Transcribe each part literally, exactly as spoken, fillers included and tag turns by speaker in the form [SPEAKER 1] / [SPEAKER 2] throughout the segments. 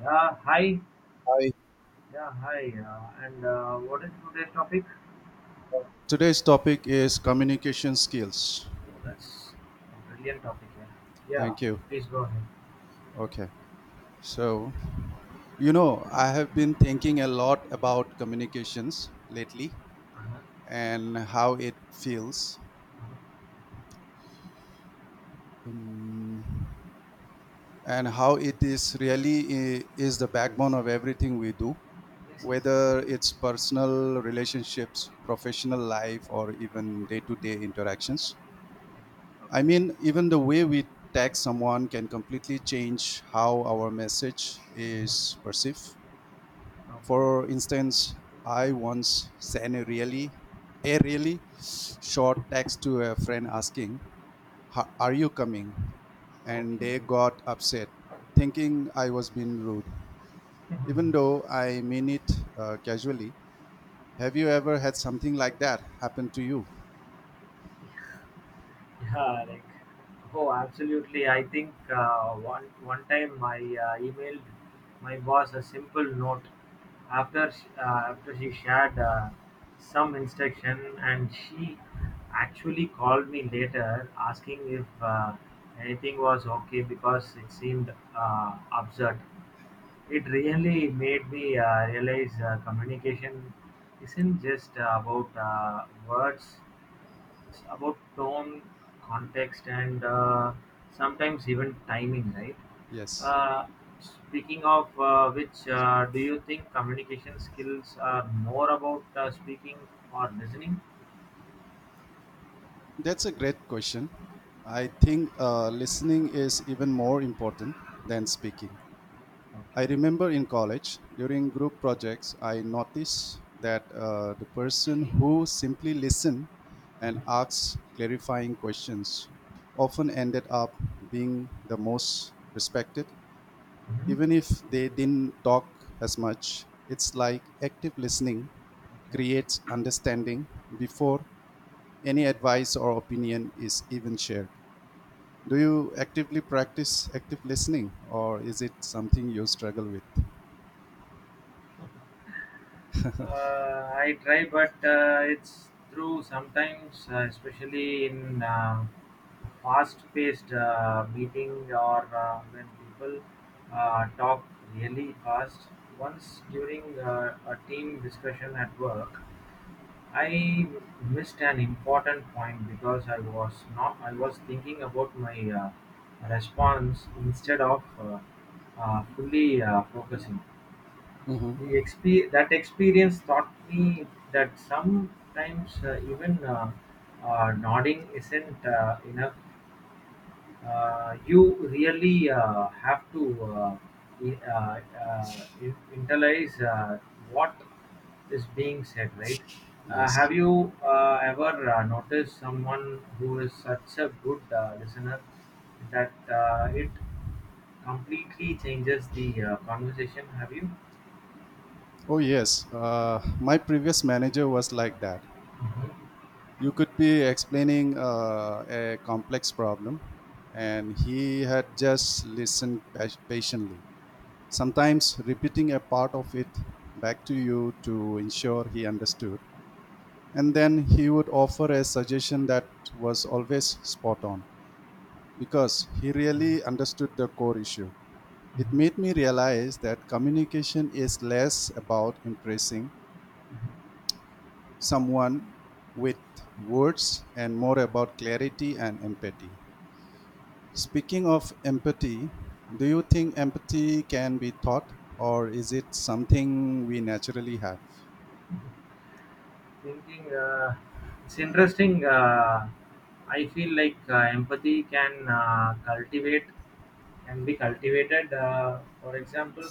[SPEAKER 1] Yeah, hi.
[SPEAKER 2] Hi.
[SPEAKER 1] Yeah, hi. Uh, and uh, what is today's topic?
[SPEAKER 2] Today's topic is communication skills.
[SPEAKER 1] Oh, that's a brilliant topic. Yeah. Yeah.
[SPEAKER 2] Thank you.
[SPEAKER 1] Please go ahead.
[SPEAKER 2] Okay. So, you know, I have been thinking a lot about communications lately
[SPEAKER 1] Uh-huh.
[SPEAKER 2] and how it feels um, and how it is really i- is the backbone of everything we do,
[SPEAKER 1] Just give me
[SPEAKER 2] whether
[SPEAKER 1] a
[SPEAKER 2] it's personal relationships, professional life, or even day to day interactions. I
[SPEAKER 1] Okay.
[SPEAKER 2] mean, even the way we tag someone can completely change how our message is perceived.
[SPEAKER 1] Okay.
[SPEAKER 2] For instance, I once sent a really, a really short text to a friend asking, "Ha- "Are you coming?" and they
[SPEAKER 1] Okay.
[SPEAKER 2] got upset, thinking I was being rude,
[SPEAKER 1] yeah.
[SPEAKER 2] even though I mean it uh, casually. Have you ever had something like that happen to you?
[SPEAKER 1] Mhm. Like. Oh, absolutely. I think uh, one one time I uh, emailed my boss a simple note after she, uh, after she shared uh, some instruction, and she actually called me later asking if uh, anything was okay because it seemed uh, absurd. It really made me uh, realize uh, communication isn't just uh, about uh, words. It's about tone, context, and uh, sometimes even timing, right?
[SPEAKER 2] Yes.
[SPEAKER 1] Uh, speaking of uh, which, uh, do you think communication skills are more about uh, speaking or listening?
[SPEAKER 2] That's a great question. I think uh, listening is even more important than speaking. I
[SPEAKER 1] Okay.
[SPEAKER 2] remember in college, during group projects, I noticed that uh, the person who simply listened and
[SPEAKER 1] Mhm.
[SPEAKER 2] asked clarifying questions often ended up being the most respected
[SPEAKER 1] Mhm.
[SPEAKER 2] even if they didn't talk as much. It's like active listening
[SPEAKER 1] Okay.
[SPEAKER 2] creates understanding before any advice or opinion is even shared. Do you actively practice active listening, or is it something you struggle with?
[SPEAKER 1] Uh, I try, but uh, it's through sometimes, uh, especially in uh, fast-paced uh, meeting or uh, when people uh, talk really fast. Once during uh, a team discussion at work, I missed an important point because I was not. I was thinking about my uh, response instead of uh, uh, fully uh, focusing. The
[SPEAKER 2] Hmm.
[SPEAKER 1] exp That experience taught me that sometimes uh, even uh, uh, nodding isn't uh, enough. Uh, You really uh, have to uh, i- uh, uh, in- internalize uh, what is being said, right? Uh,
[SPEAKER 2] Yes.
[SPEAKER 1] have you uh, ever uh, noticed someone who is such a good uh, listener that uh, it completely changes the uh, conversation? Have you?
[SPEAKER 2] Oh, yes. Uh, my previous manager was like that. You could be explaining uh, a complex problem, and he had just listened pa- patiently, sometimes repeating a part of it back to you to ensure he understood. And then he would offer a suggestion that was always spot on because he really understood the core issue. It
[SPEAKER 1] Mhm.
[SPEAKER 2] made me realize that communication is less about impressing someone with words and more about clarity and empathy. Speaking of empathy, do you think empathy can be taught or is it something we naturally have?
[SPEAKER 1] thinking uh, it's interesting. Uh, i feel like uh, empathy can uh, cultivate can be cultivated. Uh, for example,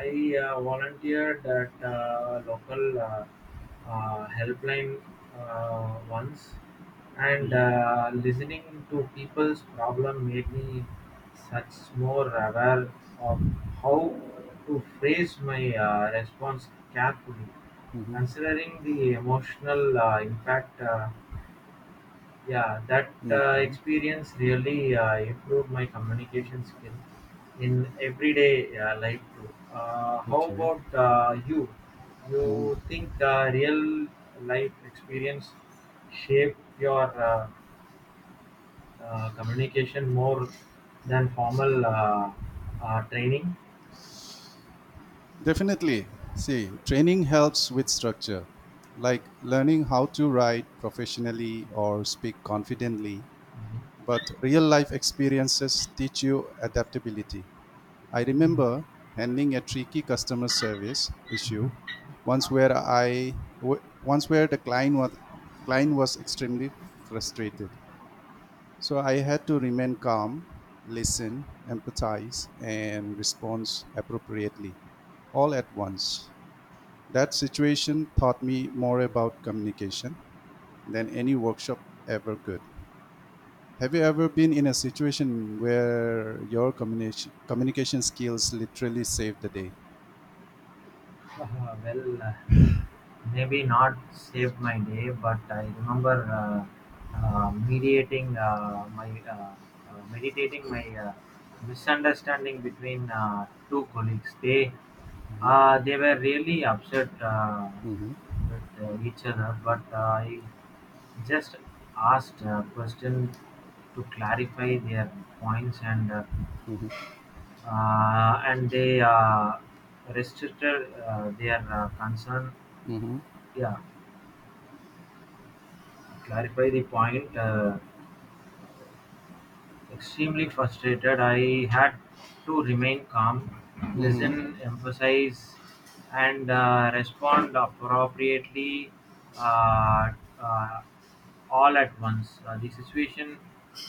[SPEAKER 1] I uh, volunteered at uh, local uh, uh, helpline uh, once, and
[SPEAKER 2] Mhm,
[SPEAKER 1] uh, listening to people's problem made me such more aware of how to phrase my uh, response carefully,
[SPEAKER 2] mhm,
[SPEAKER 1] considering the emotional uh, impact. Uh, yeah, that uh,
[SPEAKER 2] mhm.
[SPEAKER 1] experience really uh, improved my communication skill in everyday uh, life too. Uh, how
[SPEAKER 2] Okay.
[SPEAKER 1] about uh, you? You think uh, real life experience shape your uh, uh, communication more than formal uh, uh, training?
[SPEAKER 2] Definitely. See, training helps with structure, like learning how to write professionally or speak confidently. But real life experiences teach you adaptability. I
[SPEAKER 1] Mhm.
[SPEAKER 2] remember handling a tricky customer service issue once where I w- once where the client was client was extremely frustrated. So I had to remain calm, listen, empathize, and respond appropriately, all at once. That situation taught me more about communication than any workshop ever could. Have you ever been in a situation where your communication communication skills literally saved the day?
[SPEAKER 1] well, maybe not saved my day, but I remember uh, uh, mediating uh, my uh, uh, meditating my uh, misunderstanding between uh, two colleagues. They uh, they were really upset uh,
[SPEAKER 2] Mhm.
[SPEAKER 1] with uh, each other, but I just asked a question to clarify their points, and uh, uh, and they uh, restricted uh, their uh, concern. Yeah, clarify the point. Uh, extremely frustrated, I had to remain calm,
[SPEAKER 2] Mm-hmm,
[SPEAKER 1] listen, emphasize, and uh, respond appropriately, uh, uh, all at once. Uh, the situation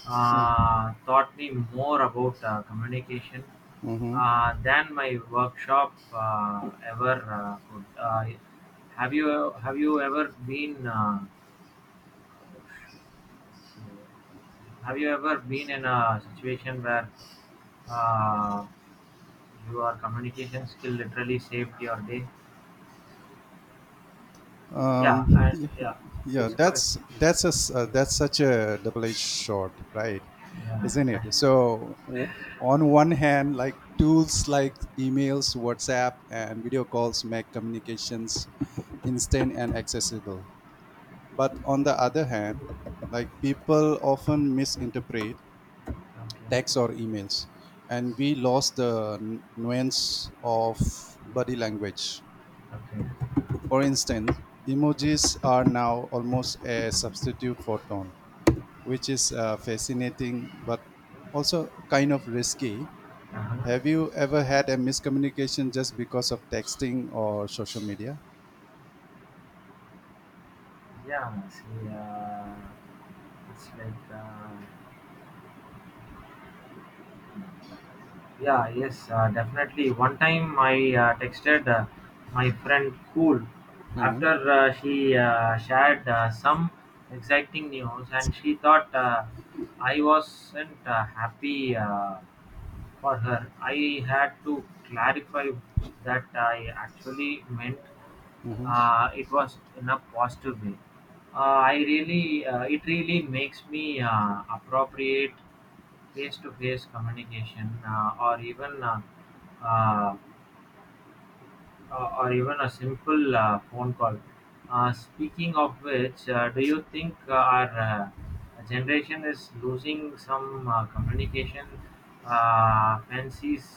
[SPEAKER 1] uh, taught me more about uh, communication
[SPEAKER 2] mm-hmm.
[SPEAKER 1] uh, than my workshop uh, ever uh, could. Uh, have you have you ever been uh, Have you ever been in a situation where uh, your communication skill literally saved your day?
[SPEAKER 2] Um,
[SPEAKER 1] Yeah, I,
[SPEAKER 2] yeah,
[SPEAKER 1] yeah,
[SPEAKER 2] yeah,
[SPEAKER 1] it's quite.
[SPEAKER 2] that's that's a s- uh, that's such a double-edged sword, right?
[SPEAKER 1] Yeah,
[SPEAKER 2] Isn't
[SPEAKER 1] that-
[SPEAKER 2] it? So w- on one hand, like tools like emails, WhatsApp, and video calls make communications instant and accessible. But on the other hand, like people often misinterpret
[SPEAKER 1] okay,
[SPEAKER 2] text or emails, and we lost the n- nuance of body language.
[SPEAKER 1] okay.
[SPEAKER 2] For instance, emojis are now almost a substitute for tone, which is uh, fascinating but also kind of risky.
[SPEAKER 1] Uh-huh.
[SPEAKER 2] Have you ever had a miscommunication just because of texting or social media?
[SPEAKER 1] Yeah, see, uh, it's like. Uh, Yeah, yes, uh, definitely. One time I uh, texted uh, my friend Cool
[SPEAKER 2] Mhm.
[SPEAKER 1] after uh, she uh, shared uh, some exciting news, and she thought uh, I wasn't uh, happy uh, for her. I had to clarify that I actually meant uh, it was in a positive way. Uh, I really, uh, it really makes me uh, appropriate face-to-face communication uh, or even. Uh, uh, or or even a simple uh, phone call. Uh, speaking of which, uh, do you think uh, our uh, generation is losing some uh, communication uh, fancies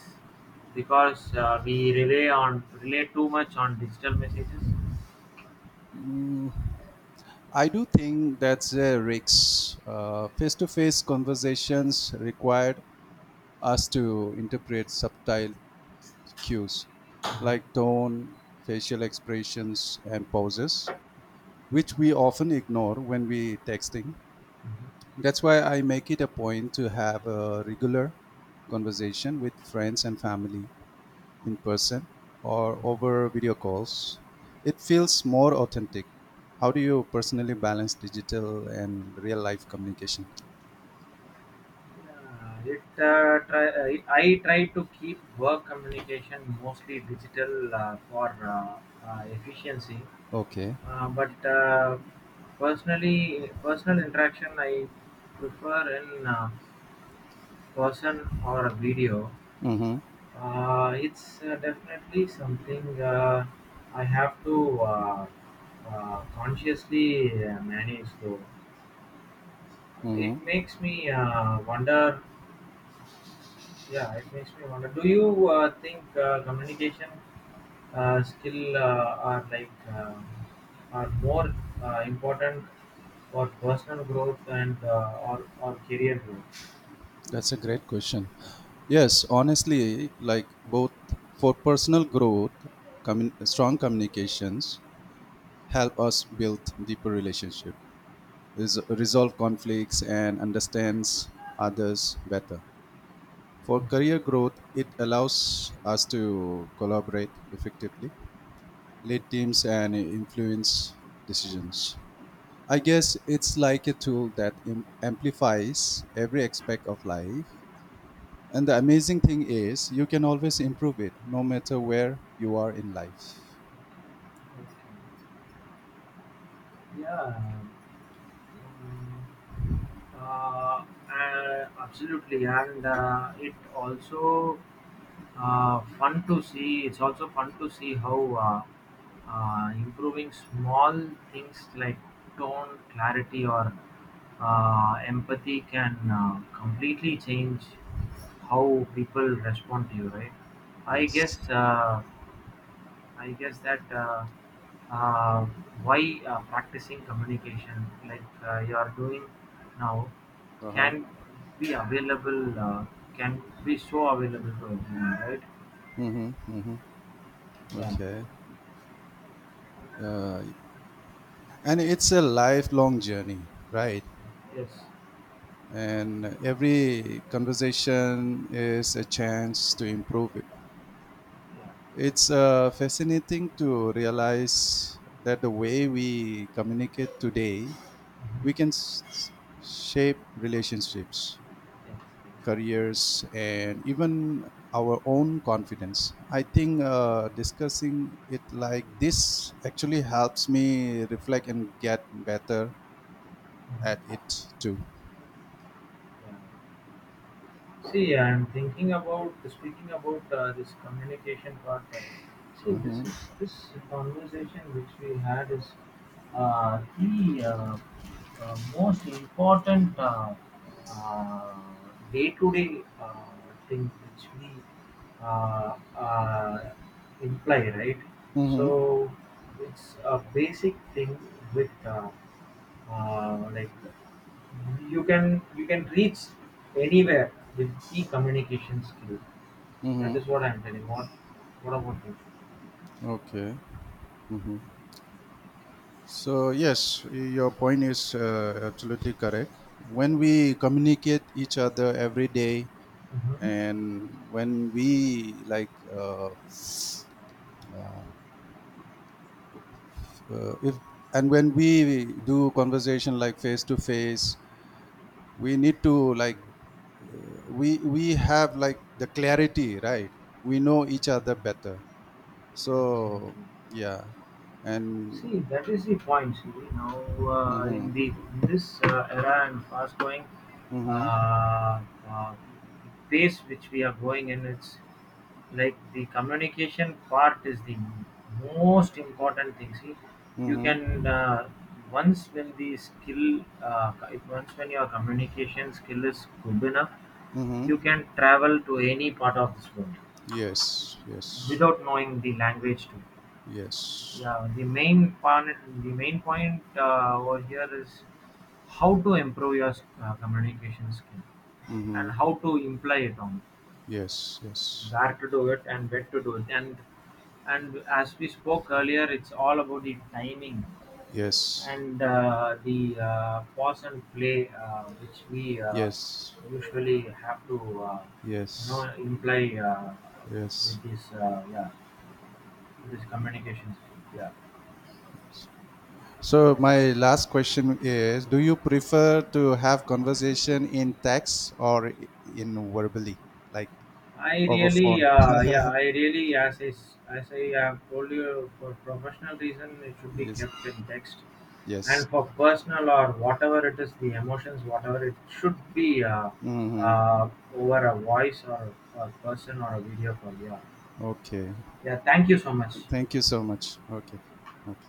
[SPEAKER 1] because uh, we rely on rely too much on digital messages?
[SPEAKER 2] I do think that's a risk. Face to face conversations required us to interpret subtle cues
[SPEAKER 1] Mhm.
[SPEAKER 2] like tone, facial expressions, and pauses, which we often ignore when we texting.
[SPEAKER 1] Mhm.
[SPEAKER 2] That's why I make it a point to have a regular conversation with friends and family in person or over video calls. It feels more authentic. How do you personally balance digital and real life communication?
[SPEAKER 1] Uh, it uh, try, I, I try to keep work communication mostly digital uh, for uh, uh, efficiency.
[SPEAKER 2] Okay.
[SPEAKER 1] Uh, but uh, personally, personal interaction I prefer in uh, person or a video.
[SPEAKER 2] Mm-hmm.
[SPEAKER 1] Uh, it's uh, definitely something uh, I have to uh, uh, consciously uh, manage. Though it
[SPEAKER 2] Mm-hmm.
[SPEAKER 1] makes me uh, wonder Yeah, it makes me wonder. Do you uh, think uh, communication uh, skill uh, are like uh, are more uh, important for personal growth and uh, or or career growth?
[SPEAKER 2] That's a great question. Yes, honestly, like both. For personal growth, commun- strong communications help us build deeper relationship, res- resolve conflicts, and understands others better. For career growth, it allows us to collaborate effectively, lead teams, and influence decisions. I guess it's like a tool that im- amplifies every aspect of life. And the amazing thing is, you can always improve it no matter where you are in life.
[SPEAKER 1] Okay. Yeah, mm, uh, uh, absolutely, and uh, it also uh, fun to see. It's also fun to see how uh, uh, improving small things like tone, clarity, or uh, empathy can uh, completely change how people respond to you. Right? I
[SPEAKER 2] Yes.
[SPEAKER 1] guess. Uh, I guess that. Uh, uh, why uh, practicing communication like uh, you are doing now
[SPEAKER 2] Uh huh.
[SPEAKER 1] can be available uh, can be so available to everyone, right?
[SPEAKER 2] Mm-hmm.
[SPEAKER 1] Yeah.
[SPEAKER 2] Okay. Uh, and it's a lifelong journey, right?
[SPEAKER 1] Yes.
[SPEAKER 2] And every conversation is a chance to improve it.
[SPEAKER 1] Yeah.
[SPEAKER 2] It's uh, fascinating to realize that the way we communicate today,
[SPEAKER 1] Mhm.
[SPEAKER 2] we can s- shape relationships,
[SPEAKER 1] Yes. Exactly.
[SPEAKER 2] careers, and even our own confidence. I think uh, discussing it like this actually helps me reflect and get better at
[SPEAKER 1] Mhm.
[SPEAKER 2] it too.
[SPEAKER 1] Yeah. See, I'm thinking about speaking about uh, this communication part. Uh, See, this is
[SPEAKER 2] Mm-hmm.
[SPEAKER 1] this conversation which we had is uh, the uh, uh, most important uh, uh, day-to-day uh, thing which we uh, uh, imply, right?
[SPEAKER 2] Mm-hmm.
[SPEAKER 1] So it's a basic thing with uh, uh, like you can you can reach anywhere with the communication skill. That
[SPEAKER 2] Mm-hmm.
[SPEAKER 1] is what I'm telling. what what about you?
[SPEAKER 2] Okay. Mm-hmm. So, yes, your point is uh, absolutely correct. When we communicate each other every day,
[SPEAKER 1] Mhm.
[SPEAKER 2] and when we like, uh, uh, if and when we do conversation like face to face, we need to like, uh, we we have like the clarity, right? We know each other better. So,
[SPEAKER 1] Exactly.
[SPEAKER 2] yeah, and
[SPEAKER 1] See, that is the point. See, now uh, in
[SPEAKER 2] mm-hmm,
[SPEAKER 1] the in this uh, era, and fast going
[SPEAKER 2] mm-hmm,
[SPEAKER 1] uh, uh, pace which we are going in, it's like the communication part is the most important thing. See, you
[SPEAKER 2] mm-hmm,
[SPEAKER 1] can uh, once when the skill, uh, once when your communication skill is good enough,
[SPEAKER 2] mm-hmm,
[SPEAKER 1] you can travel to any part of this world
[SPEAKER 2] yes, yes,
[SPEAKER 1] without knowing the language too.
[SPEAKER 2] yes.
[SPEAKER 1] Yeah, the main point, the main point uh, over here is how to improve your uh, communication skill, and how to imply it on
[SPEAKER 2] Yes, yes,
[SPEAKER 1] where to do it, and where to do it, and and as we spoke earlier, it's all about the timing
[SPEAKER 2] yes,
[SPEAKER 1] and uh, the uh, pause and play uh, which we uh,
[SPEAKER 2] yes,
[SPEAKER 1] usually have to uh, you know
[SPEAKER 2] yes,
[SPEAKER 1] imply uh,
[SPEAKER 2] yes.
[SPEAKER 1] with this uh, yeah, with this communication skill. Yeah.
[SPEAKER 2] So my last question is: Do you prefer to have conversation in text or i- in verbally, like
[SPEAKER 1] I
[SPEAKER 2] over
[SPEAKER 1] really,
[SPEAKER 2] phone?
[SPEAKER 1] uh, yeah, I really, as I, s- as I have told you, for professional reason, it should be
[SPEAKER 2] Yes,
[SPEAKER 1] kept in text, and
[SPEAKER 2] yes.
[SPEAKER 1] for personal or whatever it is, the emotions, whatever it should be, uh,
[SPEAKER 2] Hmm.
[SPEAKER 1] uh, over a voice, or, or person or a video call. Yeah,
[SPEAKER 2] Okay.
[SPEAKER 1] yeah. Thank you so much.
[SPEAKER 2] Thank you so much. Okay. Okay.